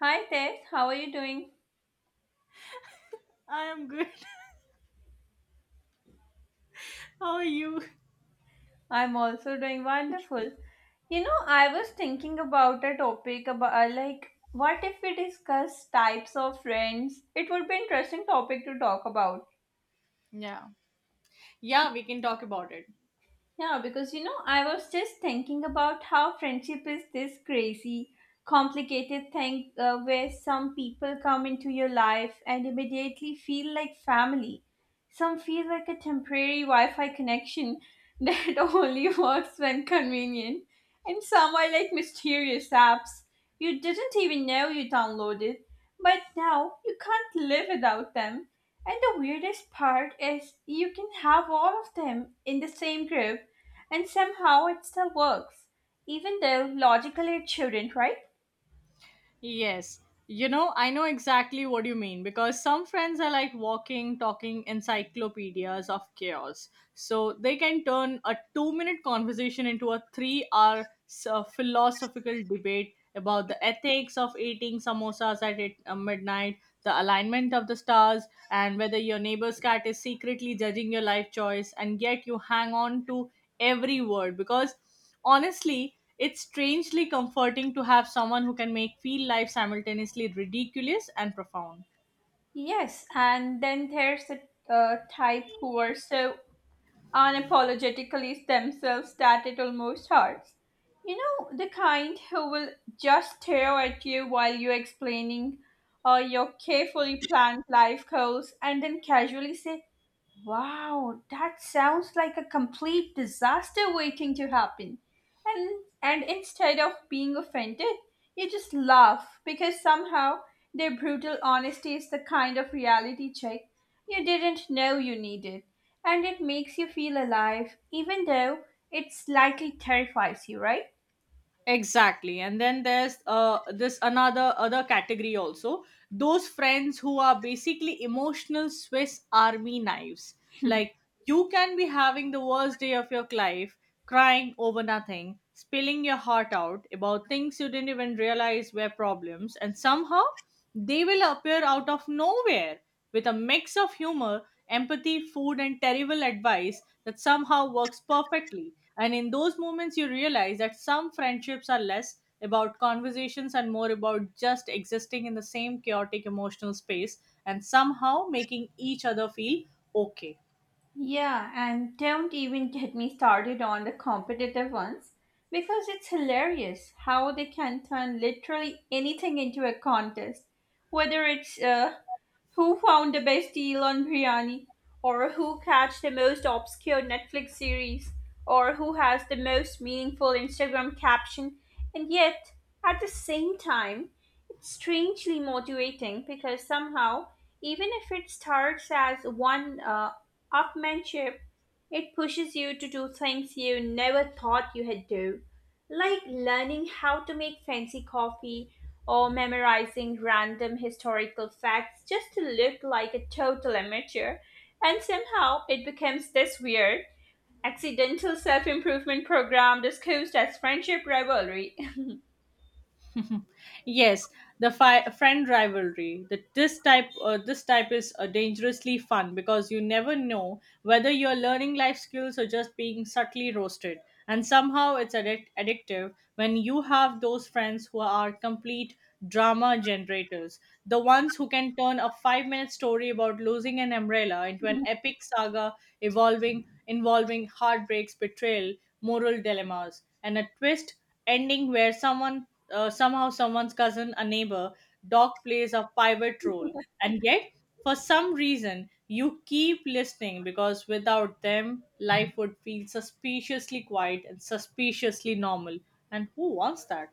Hi Tess, how are you doing? I am good. How are you? I'm also doing wonderful. You know, I was thinking about a topic about like what if we discuss types of friends? It would be interesting topic to talk about. Yeah. Yeah, we can talk about it. Yeah, because you know, I was just thinking about how friendship is this crazy, complicated thing where some people come into your life and immediately feel like family. Some feel like a temporary Wi Fi connection that only works when convenient. And some are like mysterious apps you didn't even know you downloaded, but now you can't live without them. And the weirdest part is you can have all of them in the same group and somehow it still works, even though logically it shouldn't, right? Yes. You know, I know exactly what you mean because some friends are like walking, talking encyclopedias of chaos. So they can turn a 2-minute conversation into a 3-hour philosophical debate about the ethics of eating samosas at midnight, the alignment of the stars, and whether your neighbor's cat is secretly judging your life choice, and yet you hang on to every word because honestly, it's strangely comforting to have someone who can make feel life simultaneously ridiculous and profound. Yes, and then there's a type who are so unapologetically themselves that it almost hurts. You know, the kind who will just stare at you while you're explaining your carefully planned life goals and then casually say, wow, that sounds like a complete disaster waiting to happen. And instead of being offended, you just laugh because somehow their brutal honesty is the kind of reality check you didn't know you needed. And it makes you feel alive, even though it slightly terrifies you, right? Exactly. And then there's this another other category also, those friends who are basically emotional Swiss army knives, like you can be having the worst day of your life, crying over nothing, spilling your heart out about things you didn't even realize were problems, and somehow they will appear out of nowhere with a mix of humor, empathy, food, and terrible advice that somehow works perfectly. And in those moments, you realize that some friendships are less about conversations and more about just existing in the same chaotic emotional space and somehow making each other feel okay. Yeah, and don't even get me started on the competitive ones because it's hilarious how they can turn literally anything into a contest, whether it's who found the best deal on biryani? Or who catch the most obscure Netflix series? Or who has the most meaningful Instagram caption? And yet, at the same time, it's strangely motivating because somehow, even if it starts as one upmanship, it pushes you to do things you never thought you had do, like learning how to make fancy coffee or memorizing random historical facts just to look like a total amateur. And somehow it becomes this weird, accidental self improvement program discussed as friendship rivalry. Yes, the friend rivalry. This type is dangerously fun because you never know whether you're learning life skills or just being subtly roasted. And somehow it's addictive when you have those friends who are complete drama generators, the ones who can turn a 5-minute story about losing an umbrella into an epic saga evolving involving heartbreaks, betrayal, moral dilemmas, and a twist ending where someone somehow someone's cousin, a neighbor dog, plays a pivot role, and yet for some reason you keep listening because without them life would feel suspiciously quiet and suspiciously normal. And who wants that?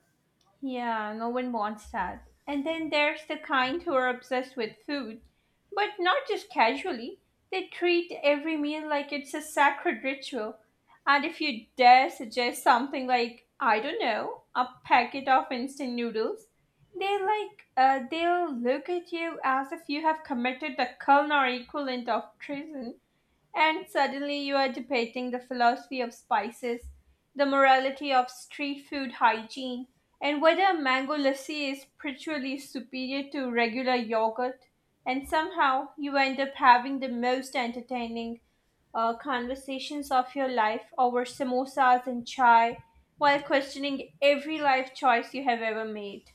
Yeah, no one wants that. And then there's the kind who are obsessed with food, but not just casually. They treat every meal like it's a sacred ritual. And if you dare suggest something like, I don't know, a packet of instant noodles, they'll look at you as if you have committed the culinary equivalent of treason. And suddenly you are debating the philosophy of spices, the morality of street food hygiene, and whether mango lassi is spiritually superior to regular yogurt. And somehow you end up having the most entertaining conversations of your life over samosas and chai while questioning every life choice you have ever made.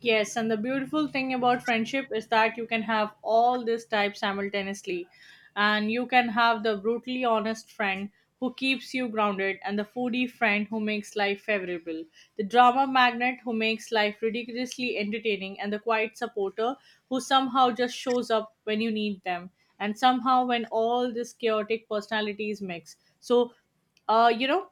Yes, and the beautiful thing about friendship is that you can have all these types simultaneously. And you can have the brutally honest friend who keeps you grounded, and the foodie friend who makes life favorable, the drama magnet who makes life ridiculously entertaining, and the quiet supporter who somehow just shows up when you need them. And somehow, when all these chaotic personalities mix. So, uh, you know,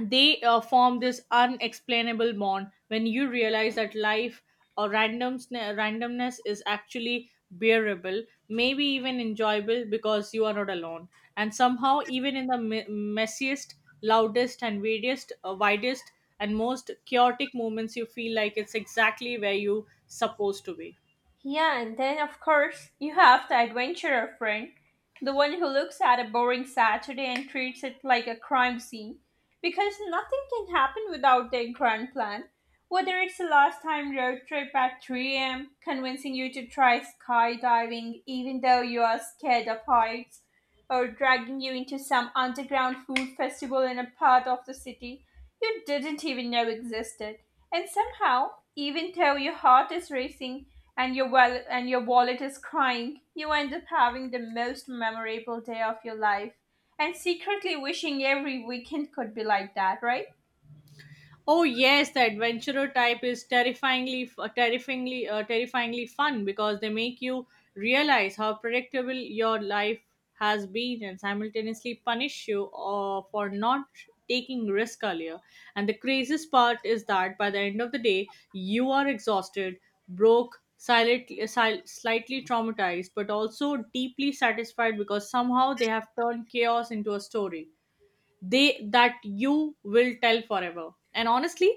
they form this unexplainable bond, when you realize that life, or randomness, is actually bearable, maybe even enjoyable because you are not alone, and somehow even in the messiest, loudest, and weirdest, widest, and most chaotic moments, you feel like it's exactly where you supposed to be. Yeah, and then of course you have the adventurer friend, the one who looks at a boring Saturday and treats it like a crime scene, because nothing can happen without their grand plan. Whether it's a last time road trip at 3 a.m., convincing you to try skydiving even though you are scared of heights, or dragging you into some underground food festival in a part of the city you didn't even know existed. And somehow, even though your heart is racing, and your wallet is crying, you end up having the most memorable day of your life and secretly wishing every weekend could be like that, right? Oh yes, the adventurer type is terrifyingly fun because they make you realize how predictable your life has been, and simultaneously punish you for not taking risk earlier. And the craziest part is that by the end of the day, you are exhausted, broke, slightly traumatized, but also deeply satisfied because somehow they have turned chaos into a story they that you will tell forever. And honestly,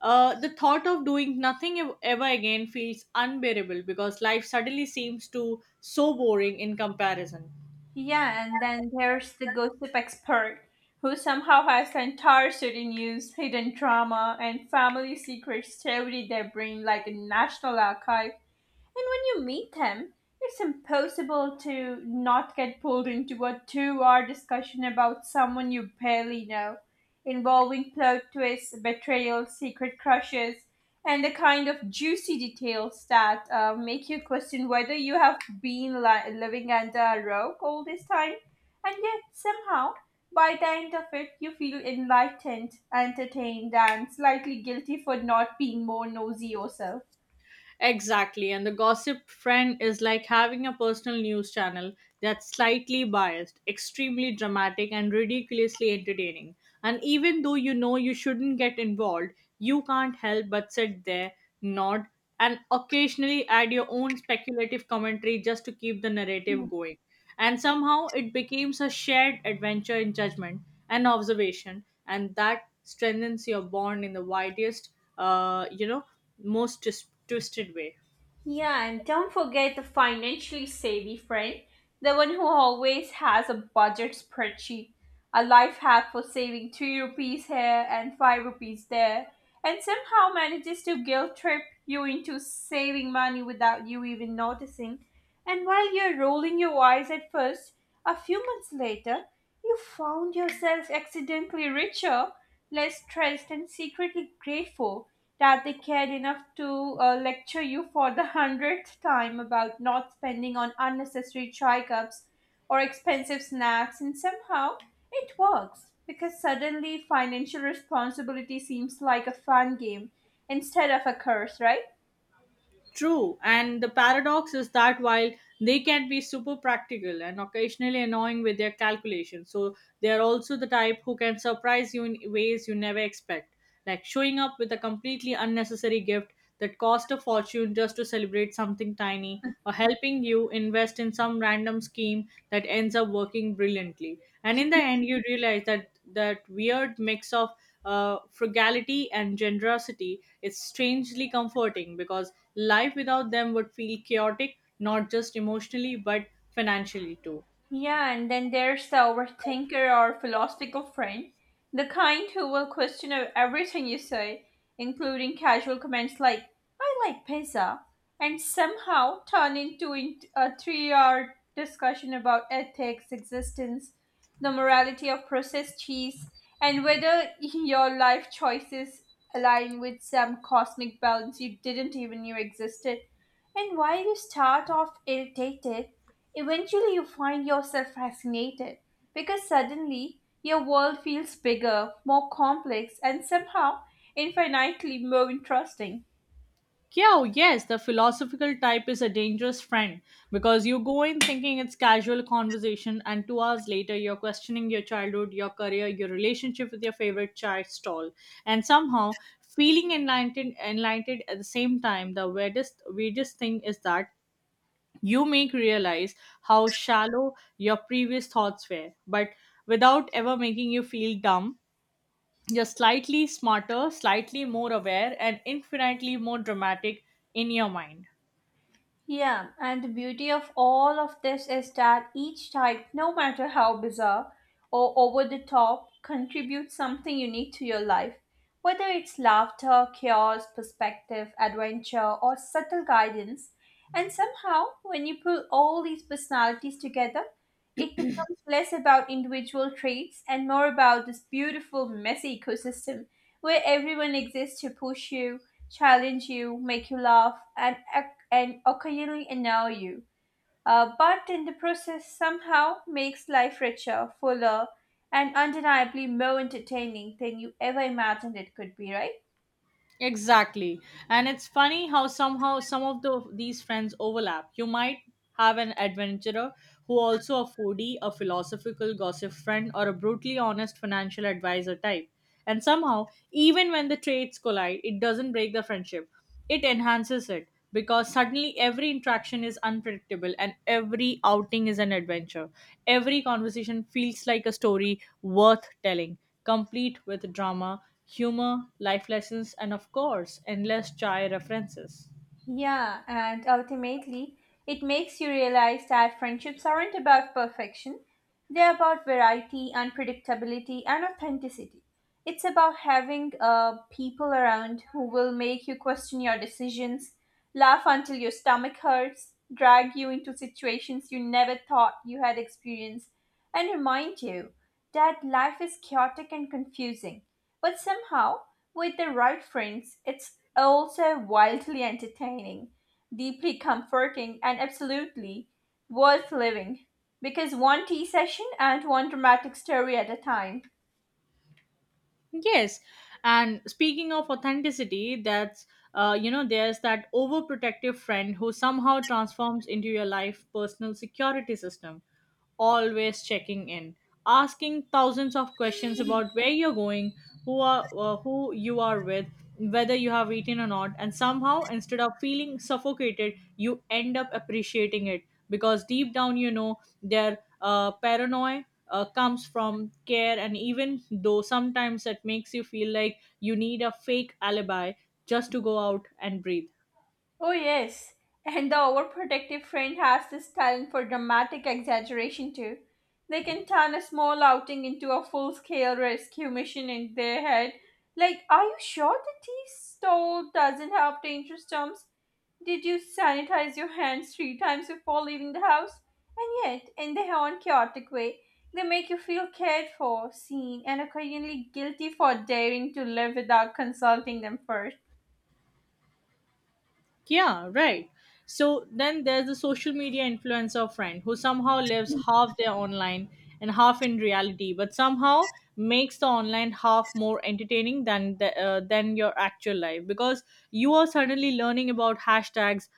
the thought of doing nothing ever again feels unbearable because life suddenly seems to so boring in comparison. Yeah, and then there's the gossip expert who somehow has the entire city news, hidden drama, and family secrets shoved in their brain like a national archive. And when you meet them, it's impossible to not get pulled into a 2-hour discussion about someone you barely know, involving plot twists, betrayal, secret crushes, and the kind of juicy details that make you question whether you have been living under a rock all this time. And yet, somehow, by the end of it, you feel enlightened, entertained, and slightly guilty for not being more nosy yourself. Exactly. And the gossip friend is like having a personal news channel that's slightly biased, extremely dramatic, and ridiculously entertaining. And even though you know you shouldn't get involved, you can't help but sit there, nod, and occasionally add your own speculative commentary just to keep the narrative going. And somehow it becomes a shared adventure in judgment and observation, and that strengthens your bond in the widest, uh, you know, most twisted way. Yeah, and don't forget the financially savvy friend, the one who always has a budget spreadsheet, a life hack for saving 2 rupees here and 5 rupees there, and somehow manages to guilt trip you into saving money without you even noticing. And while you're rolling your eyes at first, a few months later, you found yourself accidentally richer, less stressed, and secretly grateful Karthik cared enough to lecture you for the hundredth time about not spending on unnecessary chai cups or expensive snacks, and somehow it works because suddenly financial responsibility seems like a fun game instead of a curse, right? True, and the paradox is that while they can be super practical and occasionally annoying with their calculations, so they are also the type who can surprise you in ways you never expect, like showing up with a completely unnecessary gift that cost a fortune just to celebrate something tiny, or helping you invest in some random scheme that ends up working brilliantly. And in the end, you realize that that weird mix of frugality and generosity is strangely comforting because life without them would feel chaotic, not just emotionally, but financially too. Yeah, and then there's the overthinker or philosophical friend, the kind who will question everything you say, including casual comments like, I like pizza, and somehow turn into a 3-hour discussion about ethics, existence, the morality of processed cheese, and whether your life choices align with some cosmic balance you didn't even know existed. And while you start off irritated, eventually you find yourself fascinated because suddenly your world feels bigger, more complex, and somehow infinitely more interesting. Kyo, yes, the philosophical type is a dangerous friend because you go in thinking it's casual conversation, and 2 hours later, you're questioning your childhood, your career, your relationship with your favorite chai stall, and somehow feeling enlightened, at the same time. The weirdest thing is that you make realize how shallow your previous thoughts were, but without ever making you feel dumb. You're slightly smarter, slightly more aware, and infinitely more dramatic in your mind. Yeah, and the beauty of all of this is that each type, no matter how bizarre or over the top, contributes something unique to your life. Whether it's laughter, chaos, perspective, adventure, or subtle guidance. And somehow, when you pull all these personalities together, it becomes less about individual traits and more about this beautiful, messy ecosystem where everyone exists to push you, challenge you, make you laugh, and, and occasionally annoy you. But in the process, somehow makes life richer, fuller, and undeniably more entertaining than you ever imagined it could be, right? Exactly. And it's funny how somehow some of these friends overlap. You might have an adventurer who also a foodie, a philosophical gossip friend, or a brutally honest financial advisor type. And somehow, even when the traits collide, it doesn't break the friendship. It enhances it because suddenly every interaction is unpredictable and every outing is an adventure. Every conversation feels like a story worth telling, complete with drama, humor, life lessons, and of course, endless chai references. Yeah, and ultimately, it makes you realize that friendships aren't about perfection. They're about variety, unpredictability, and authenticity. It's about having people around who will make you question your decisions, laugh until your stomach hurts, drag you into situations you never thought you had experienced, and remind you that life is chaotic and confusing. But somehow, with the right friends, it's also wildly entertaining, deeply comforting, and absolutely worth living. Because one tea session and one dramatic story at a time. Yes, and speaking of authenticity, that's you know, there's that overprotective friend who somehow transforms into your life personal security system, always checking in, asking thousands of questions Mhm. about where you're going, who you are with, whether you have eaten or not, and somehow instead of feeling suffocated, you end up appreciating it because deep down you know their paranoia comes from care, and even though sometimes it makes you feel like you need a fake alibi just to go out and breathe. Oh, yes. And the overprotective friend has this talent for dramatic exaggeration, too. They can turn a small outing into a full scale rescue mission in their head. Like, are you sure the tea stall doesn't have dangerous germs? Did you sanitize your hands 3 times before leaving the house? And yet, in their own chaotic way, they make you feel cared for, seen, and occasionally guilty for daring to live without consulting them first. Yeah, right. So then there's the social media influencer friend who somehow lives half their online and half in reality, but somehow makes the online half more entertaining than than your actual life, because you are suddenly learning about hashtags,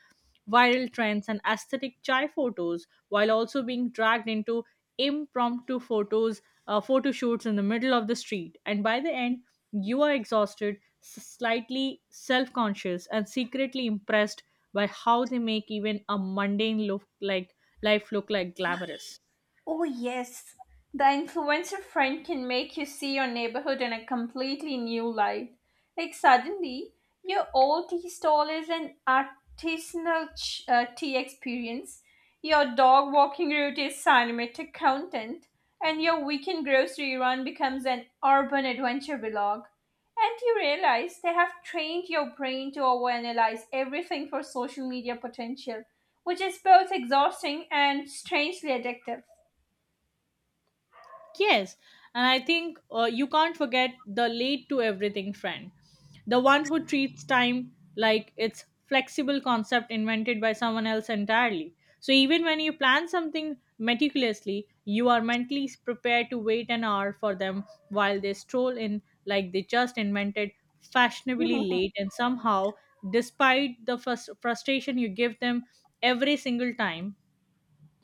viral trends, and aesthetic chai photos, while also being dragged into impromptu photo shoots in the middle of the street. And by the end, you are exhausted, slightly self conscious, and secretly impressed by how they make even a mundane look like life look like glamorous. Oh, yes. The influencer friend can make you see your neighborhood in a completely new light. Like, suddenly, your old tea stall is an artisanal tea experience, your dog walking route is cinematic content, and your weekend grocery run becomes an urban adventure vlog. And you realize they have trained your brain to overanalyze everything for social media potential, which is both exhausting and strangely addictive. Yes, and I think you can't forget the late to everything friend, the one who treats time like it's flexible concept invented by someone else entirely. So even when you plan something meticulously, you are mentally prepared to wait an hour for them while they stroll in like they just invented fashionably late, and somehow despite the frustration you give them every single time,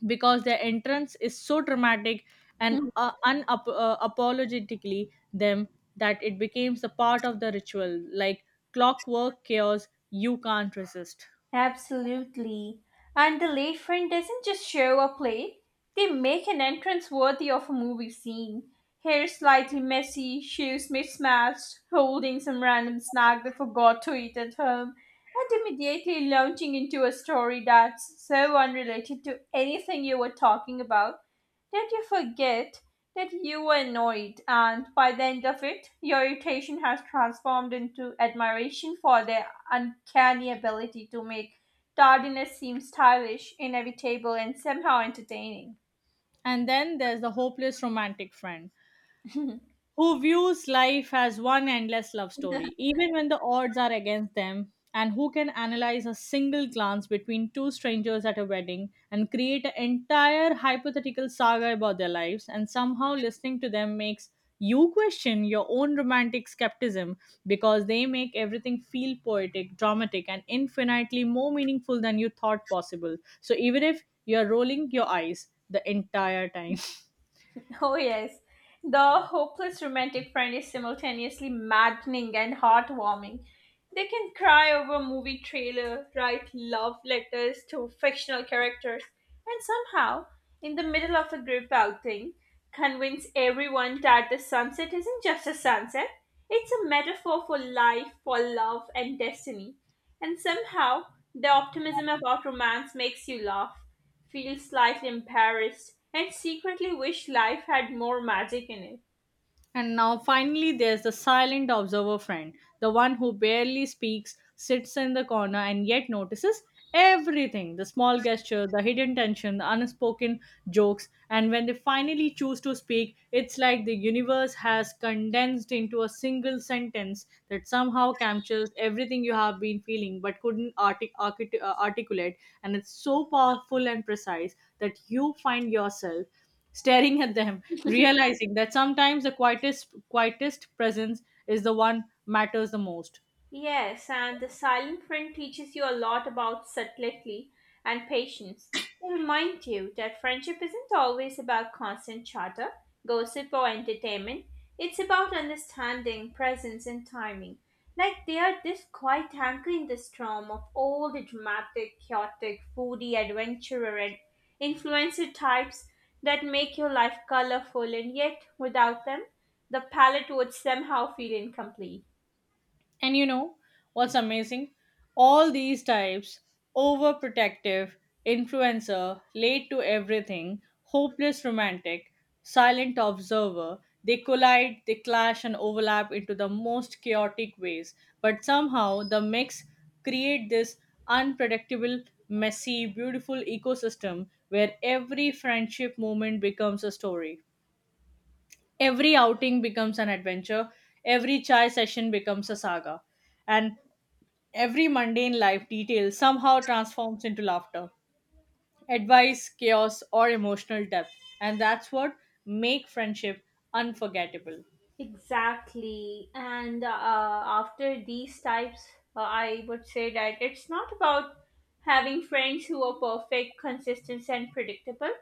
because their entrance is so dramatic and apologetically them, that it becomes a part of the ritual, like clockwork chaos you can't resist. Absolutely. And the late friend doesn't just show up late, they make an entrance worthy of a movie scene. Hair slightly messy, shoes mismatched, holding some random snack they forgot to eat at home, and immediately launching into a story that's so unrelated to anything you were talking about that you forget that you were annoyed, and by the end of it, your irritation has transformed into admiration for their uncanny ability to make tardiness seem stylish, inevitable, and somehow entertaining. And then there's the hopeless romantic friend who views life as one endless love story, even when the odds are against them, and who can analyze a single glance between two strangers at a wedding and create an entire hypothetical saga about their lives, and somehow listening to them makes you question your own romantic skepticism because they make everything feel poetic, dramatic, and infinitely more meaningful than you thought possible. So, even if you're rolling your eyes the entire time. Oh, yes. The hopeless romantic friend is simultaneously maddening and heartwarming. They can cry over movie trailer, write love letters to fictional characters, and somehow, in the middle of a group outing, convince everyone that the sunset isn't just a sunset, it's a metaphor for life, for love, and destiny. And somehow, the optimism about romance makes you laugh feel slightly embarrassed, and secretly wish life had more magic in it. And now finally there's the silent observer friend, the one who barely speaks, sits in the corner, and yet notices everything, the small gesture, the hidden tension, the unspoken jokes, and when they finally choose to speak, it's like the universe has condensed into a single sentence that somehow captures everything you have been feeling but couldn't articulate, and it's so powerful and precise that you find yourself staring at them, realizing that sometimes the quietest presence is the one matters the most. Yes, and the silent friend teaches you a lot about subtlety and patience. They remind you that friendship isn't always about constant chatter, gossip, or entertainment. It's about understanding, presence, and timing. Like they are this quiet anchor in the storm of all the dramatic, chaotic, foodie, adventurer, and influencer types that make your life colorful, and yet without them, the palette would somehow feel incomplete. And you know what's amazing? All these types, overprotective, influencer, late to everything, hopeless romantic, silent observer, they collide, they clash, and overlap into the most chaotic ways. But somehow the mix create this unpredictable, messy, beautiful ecosystem where every friendship moment becomes a story. Every outing becomes an adventure. Every chai session becomes a saga. And every mundane life detail somehow transforms into laughter, advice, chaos, or emotional depth, and that's what make friendship unforgettable. Exactly. And after these types, I would say that it's not about having friends who are perfect, consistent, and predictable.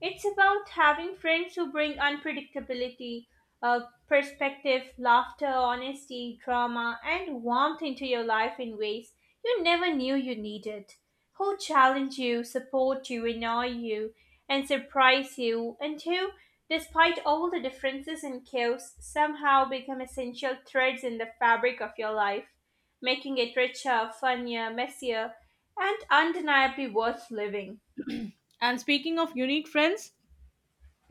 It's about having friends who bring unpredictability, uh, perspective, laughter, honesty, drama, and warmth into your life in ways you never knew you needed. Who challenge you, support you, annoy you, and surprise you, and who despite all the differences and chaos, somehow become essential threads in the fabric of your life, making it richer, funnier, messier, and undeniably worth living. And speaking of unique friends,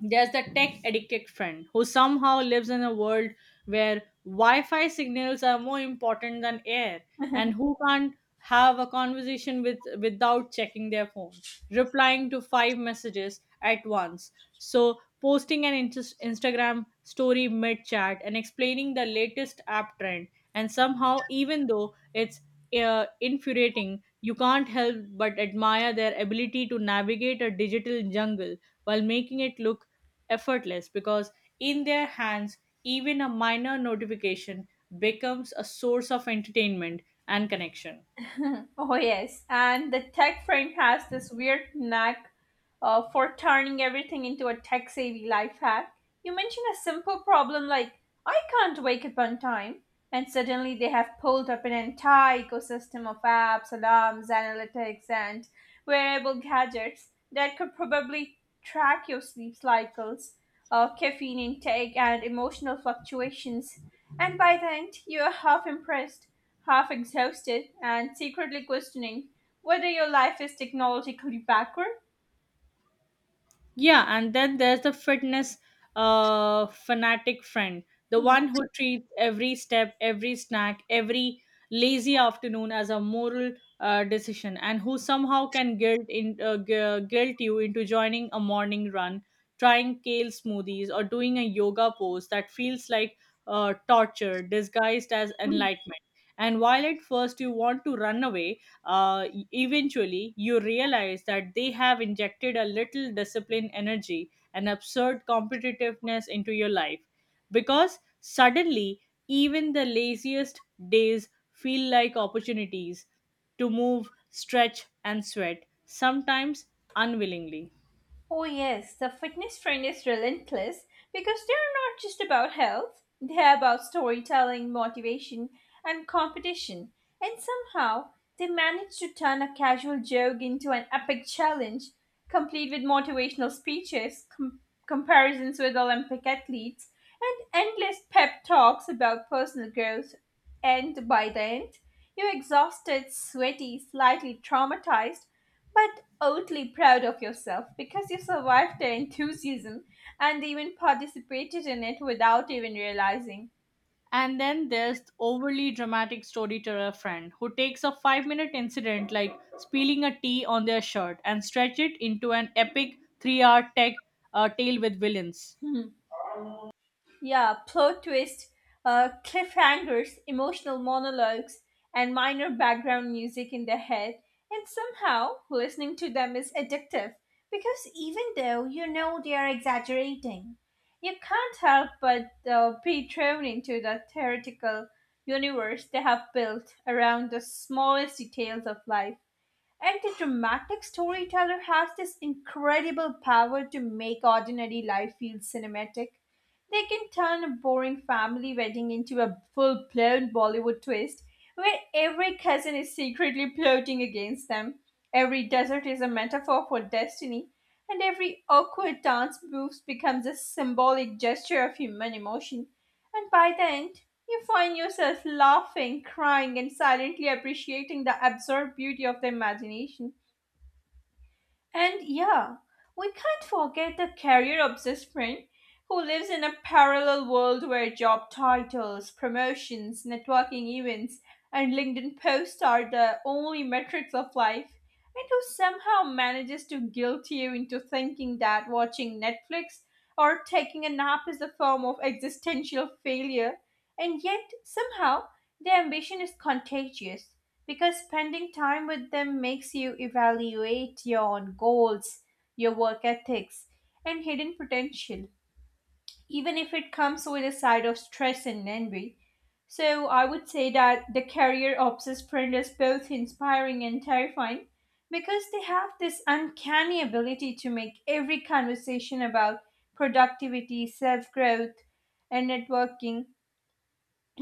there's the tech addicted friend who somehow lives in a world where Wi Fi signals are more important than air, and who can't have a conversation without checking their phone, replying to five messages at once. So, posting an Instagram story mid chat, and explaining the latest app trend, and somehow, even though it's infuriating, you can't help but admire their ability to navigate a digital jungle while making it look effortless because in their hands, even a minor notification becomes a source of entertainment and connection. Oh, yes. And the tech frame has this weird knack for turning everything into a tech savvy life hack. You mention a simple problem like, I can't wake up on time, and suddenly they have pulled up an entire ecosystem of apps, alarms, analytics, and wearable gadgets that could probably track your sleep cycles, caffeine intake, and emotional fluctuations. And by the end, you are half impressed half exhausted and secretly questioning whether your life is technologically backward. Yeah, and then there's the fitness fanatic friend, the one who treats every step, every snack, every lazy afternoon as a moral decision, and who somehow can guilt you into joining a morning run, trying kale smoothies, or doing a yoga pose that feels like torture disguised as enlightenment. And while at first you want to run away, eventually you realize that they have injected a little discipline energy and absurd competitiveness into your life because suddenly even the laziest days feel like opportunities to move stretch and sweat sometimes unwillingly. Oh, yes, the fitness trend is relentless because they're not just about health, they're about storytelling, motivation, and competition. And somehow, they manage to turn a casual joke into an epic challenge, complete with motivational speeches, comparisons with Olympic athletes, and endless pep talks about personal growth. And by the end, you're exhausted, sweaty, slightly traumatized but oddly proud of yourself because you survived their enthusiasm and even participated in it without even realizing. And then there's overly dramatic storyteller friend who takes a 5 minute incident like spilling a tea on their shirt and stretch it into an epic 3 hour tech tale with villains. Yeah, plot twists, cliffhangers, emotional monologues, and minor background music in their head. And somehow, listening to them is addictive because even though you know they are exaggerating, you can't help but be thrown into the theoretical universe they have built around the smallest details of life. And the dramatic storyteller has this incredible power to make ordinary life feel cinematic. They can turn a boring family wedding into a full blown Bollywood twist where every cousin is secretly plotting against them, every desert is a metaphor for destiny, and every awkward dance move becomes a symbolic gesture of human emotion. And by the end, you find yourself laughing, crying, and silently appreciating the absurd beauty of the imagination. And yeah, we can't forget the career obsessed friend who lives in a parallel world where job titles, promotions, networking events, and LinkedIn posts are the only metrics of life, and who somehow manages to guilt you into thinking that watching Netflix or taking a nap is a form of existential failure, and yet somehow their ambition is contagious because spending time with them makes you evaluate your own goals, your work ethics, and hidden potential, even if it comes with a side of stress and envy. So, I would say that the career obsessed friend is both inspiring and terrifying because they have this uncanny ability to make every conversation about productivity, self growth, and networking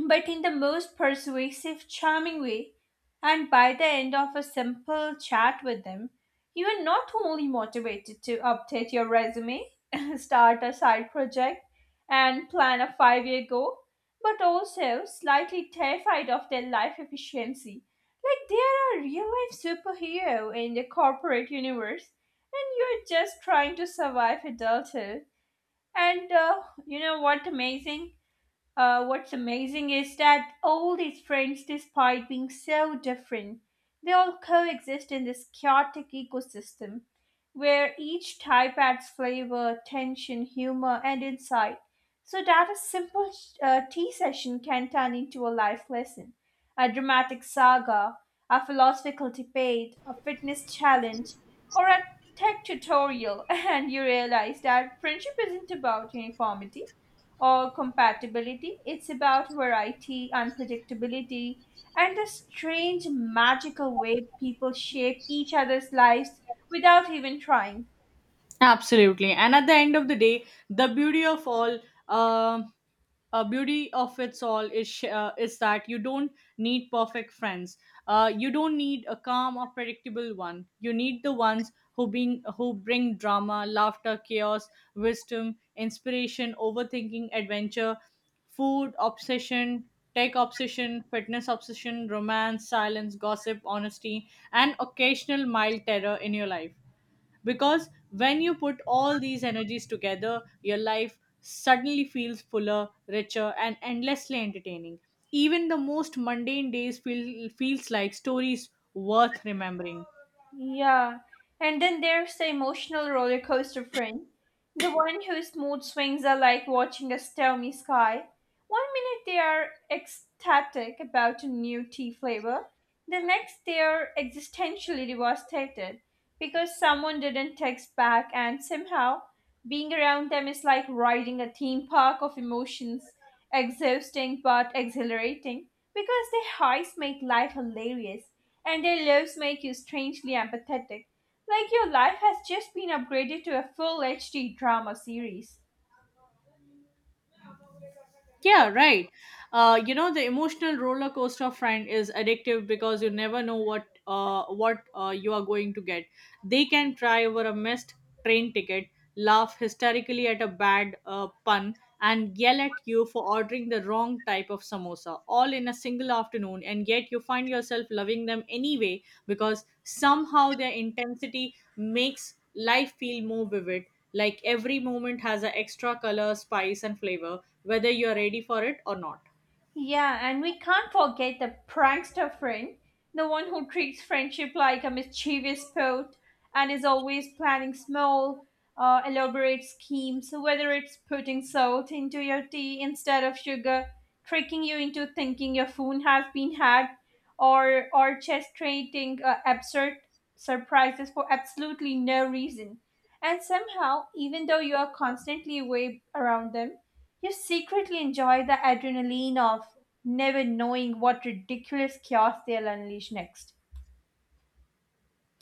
but in the most persuasive, charming way. And by the end of a simple chat with them, you are not only motivated to update your resume, start a side project, and plan a 5-year goal, but also slightly terrified of their life efficiency. Like they are a real life superhero in the corporate universe, and you're just trying to survive adulthood. And you know what amazing? What's amazing is that all these friends, despite being so different, they all coexist in this chaotic ecosystem where each type adds flavor, tension, humor, and insight. So that a simple tea session can turn into a life lesson, a dramatic saga, a philosophical debate, a fitness challenge, or a tech tutorial. And you realize that friendship isn't about uniformity or compatibility. It's about variety, unpredictability, and the strange magical way people shape each other's lives without even trying. Absolutely. And at the end of the day, the beauty of all, uh, beauty of its all is sh- is that you don't need perfect friends. You don't need a calm or predictable one. You need the ones who bring drama, laughter, chaos, wisdom, inspiration, overthinking, adventure, food obsession, tech obsession, fitness obsession, romance, silence, gossip, honesty, and occasional mild terror in your life, because when you put all these energies together your life suddenly feels fuller richer and endlessly entertaining. Even the most mundane days feels like stories worth remembering. Yeah. And then there's the emotional roller coaster friend, the one whose mood swings are like watching a stormy sky. One minute they are ecstatic about a new tea flavor, the next they are existentially devastated because someone didn't text back, and somehow being around them is like riding a theme park of emotions, exhausting but exhilarating because their highs make life hilarious and their lives make you strangely empathetic, like your life has just been upgraded to a full HD drama series. Yeah, right. You know, the emotional roller coaster of Friend is addictive because you never know what you are going to get. They can cry over a missed train ticket, laugh hysterically at a bad pun, and yell at you for ordering the wrong type of samosa, all in a single afternoon. And yet, you find yourself loving them anyway because somehow their intensity makes life feel more vivid, like every moment has an extra color, spice, and flavor, whether you're ready for it or not. Yeah, and we can't forget the prankster friend, the one who treats friendship like a mischievous sport and is always planning small, elaborate schemes, whether it's putting salt into your tea instead of sugar, tricking you into thinking your phone has been hacked, or orchestrating absurd surprises for absolutely no reason. And somehow, even though you are constantly way around them, you secretly enjoy the adrenaline of never knowing what ridiculous chaos they'll unleash next,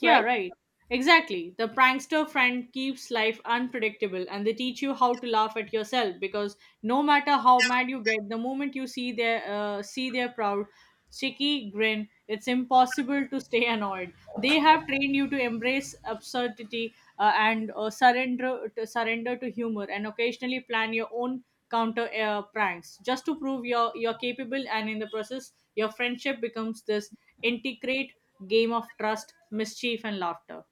Yeah, right? right. Exactly. The prankster friend keeps life unpredictable and they teach you how to laugh at yourself because no matter how mad you get, the moment you see their proud cheeky grin, it's impossible to stay annoyed. They have trained you to embrace absurdity and surrender to humor and occasionally plan your own counter pranks just to prove you're capable, and in the process your friendship becomes this integrate game of trust, mischief, and laughter.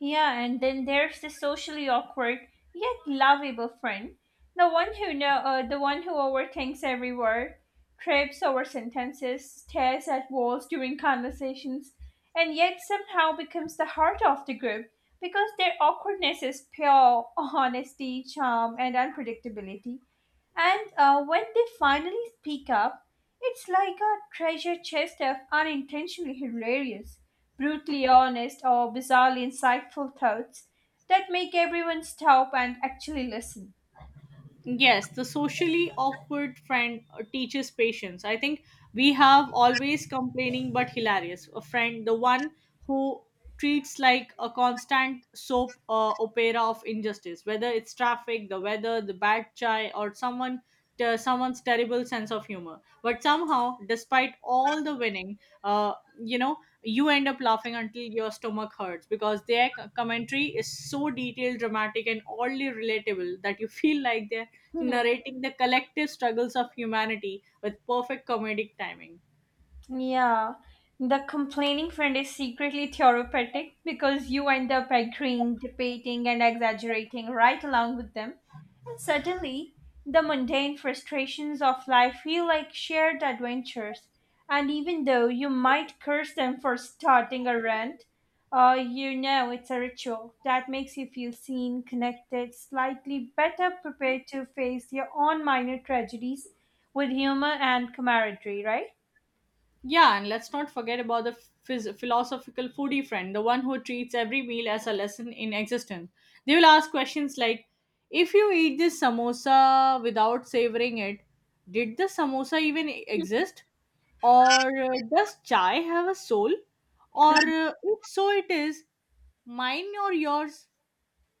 Yeah, and then there's the socially awkward yet lovable friend, the one who overthinks every word, trips over sentences, stares at walls during conversations, and yet somehow becomes the heart of the group because their awkwardness is pure honesty, charm, and unpredictability. And when they finally speak up, it's like a treasure chest of unintentionally hilarious brutally honest or bizarrely insightful thoughts that make everyone stop and actually listen. Yes, the socially awkward friend teaches patience. I think we have always complaining but hilarious. A friend, the one who treats like a constant soap opera of injustice, whether it's traffic, the weather, the bad chai, or someone's terrible sense of humor, but somehow despite all the winning uh, you know you end up laughing until your stomach hurts because their commentary is so detailed dramatic and oddly relatable that you feel like they're narrating the collective struggles of humanity with perfect comedic timing. Yeah, the complaining friend is secretly therapeutic because you end up agreeing, debating, and exaggerating right along with them. And suddenly, the mundane frustrations of life feel like shared adventures. And even though you might curse them for starting a rant, you know it's a ritual that makes you feel seen, connected, slightly better prepared to face your own minor tragedies with humor and camaraderie, right? Yeah, and let's not forget about the philosophical foodie friend, the one who treats every meal as a lesson in existence. They will ask questions like, if you eat this samosa without savoring it, did the samosa even exist? Or does chai have a soul? Or if so it is, mine or yours?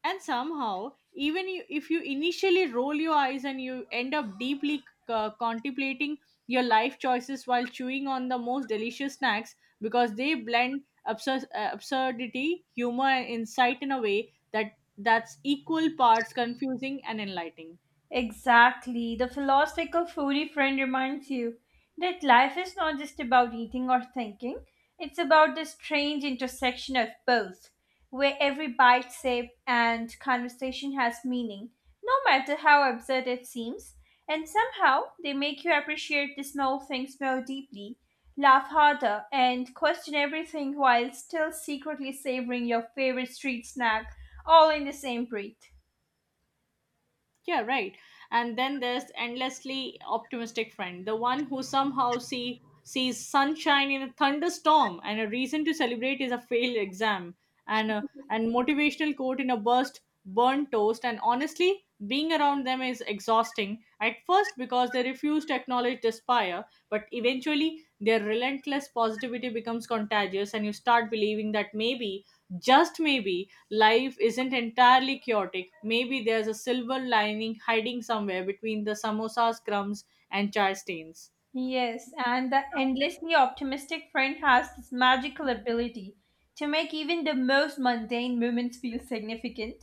And somehow even you, if you initially roll your eyes and you end up deeply contemplating your life choices while chewing on the most delicious snacks because they blend absurdity humor and insight in a way that's equal parts confusing and enlightening. Exactly. The philosophical foodie friend reminds you that life is not just about eating or thinking, it's about the strange intersection of both, where every bite, sip, and conversation has meaning, no matter how absurd it seems. And somehow they make you appreciate the small things more deeply, laugh harder, and question everything while still secretly savoring your favorite street snack all in the same breath. Yeah, right. And then there's endlessly optimistic friend, the one who somehow sees sunshine in a thunderstorm and a reason to celebrate is a failed exam, and motivational quote in a burst burnt toast, and honestly being around them is exhausting at first because they refuse to acknowledge despair, but eventually their relentless positivity becomes contagious and you start believing that maybe, just maybe, life isn't entirely chaotic. Maybe there's a silver lining hiding somewhere between the samosas, crumbs, and chai stains. Yes, and the endlessly optimistic friend has this magical ability to make even the most mundane moments feel significant.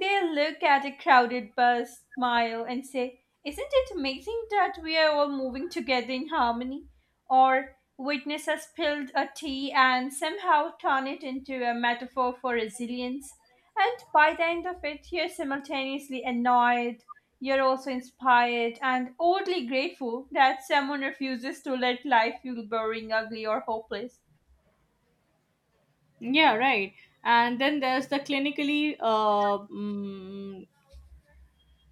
They look at a crowded bus, smile, and say, "Isn't it amazing that we are all moving together in harmony?" Or witness us spilled a tea and somehow turn it into a metaphor for resilience. And by the end of it, you're simultaneously annoyed, you're also inspired and oddly grateful that someone refuses to let life feel boring, ugly, or hopeless. Yeah, right. And then there's the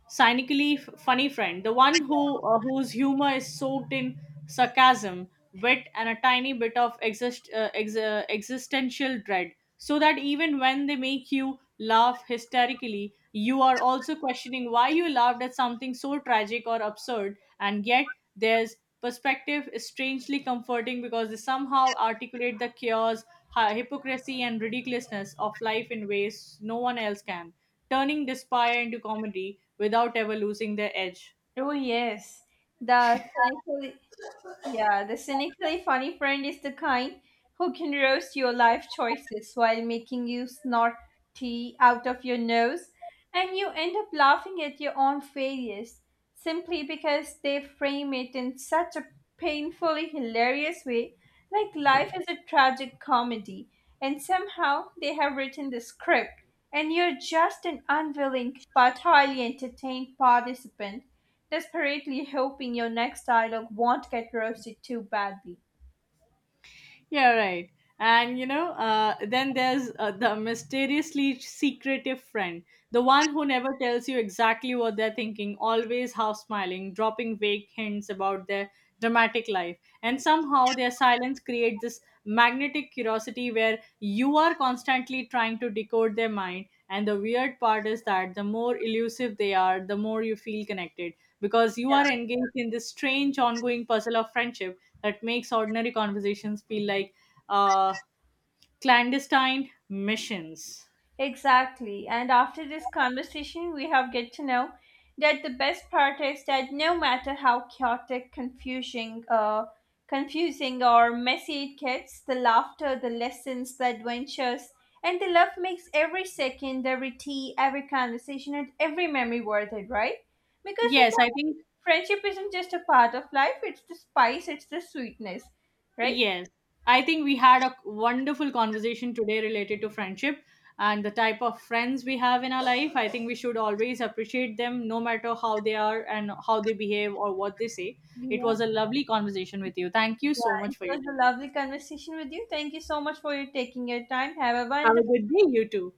cynically funny friend, the one whose humor is soaked in sarcasm, wit, and a tiny bit of existential dread, so that even when they make you laugh hysterically, you are also questioning why you laughed at something so tragic or absurd, and yet there's perspective is strangely comforting because they somehow articulate the chaos, hypocrisy, and ridiculousness of life in ways no one else can, turning despair into comedy without ever losing their edge. Oh, yes. The cynical Yeah, the cynically funny friend is the kind who can roast your life choices while making you snort tea out of your nose, and you end up laughing at your own failures simply because they frame it in such a painfully hilarious way, like life is a tragic comedy, and somehow they have written the script, and you're just an unwilling but highly entertained participant desperately hoping your next dialogue won't get roasted too badly. Yeah, right. And you know, then there's the mysteriously secretive friend, the one who never tells you exactly what they're thinking, always half smiling, dropping vague hints about their dramatic life. And somehow their silence creates this magnetic curiosity where you are constantly trying to decode their mind. And the weird part is that the more elusive they are, the more you feel connected because you are engaged in this strange ongoing puzzle of friendship that makes ordinary conversations feel like uh, clandestine missions. Exactly. And after this conversation, we have get to know that the best part is that no matter how chaotic, confusing or messy it gets, the laughter, the lessons, the adventures, and the love makes every second, every tea, every conversation, and every memory worth it, right? Because you Yes, know, I think, friendship isn't just a part of life; it's the spice, it's the sweetness, right? yes, I think we had a wonderful conversation today related to friendship and the type of friends we have in our life. I think we should always appreciate them no matter how they are and how they behave or what they say. It Yeah. was a lovely conversation with you. Thank you Yeah, so it much for your was a time. lovely conversation with you. Thank you so much for your taking your time. Have a Have a wonderful good day, you too.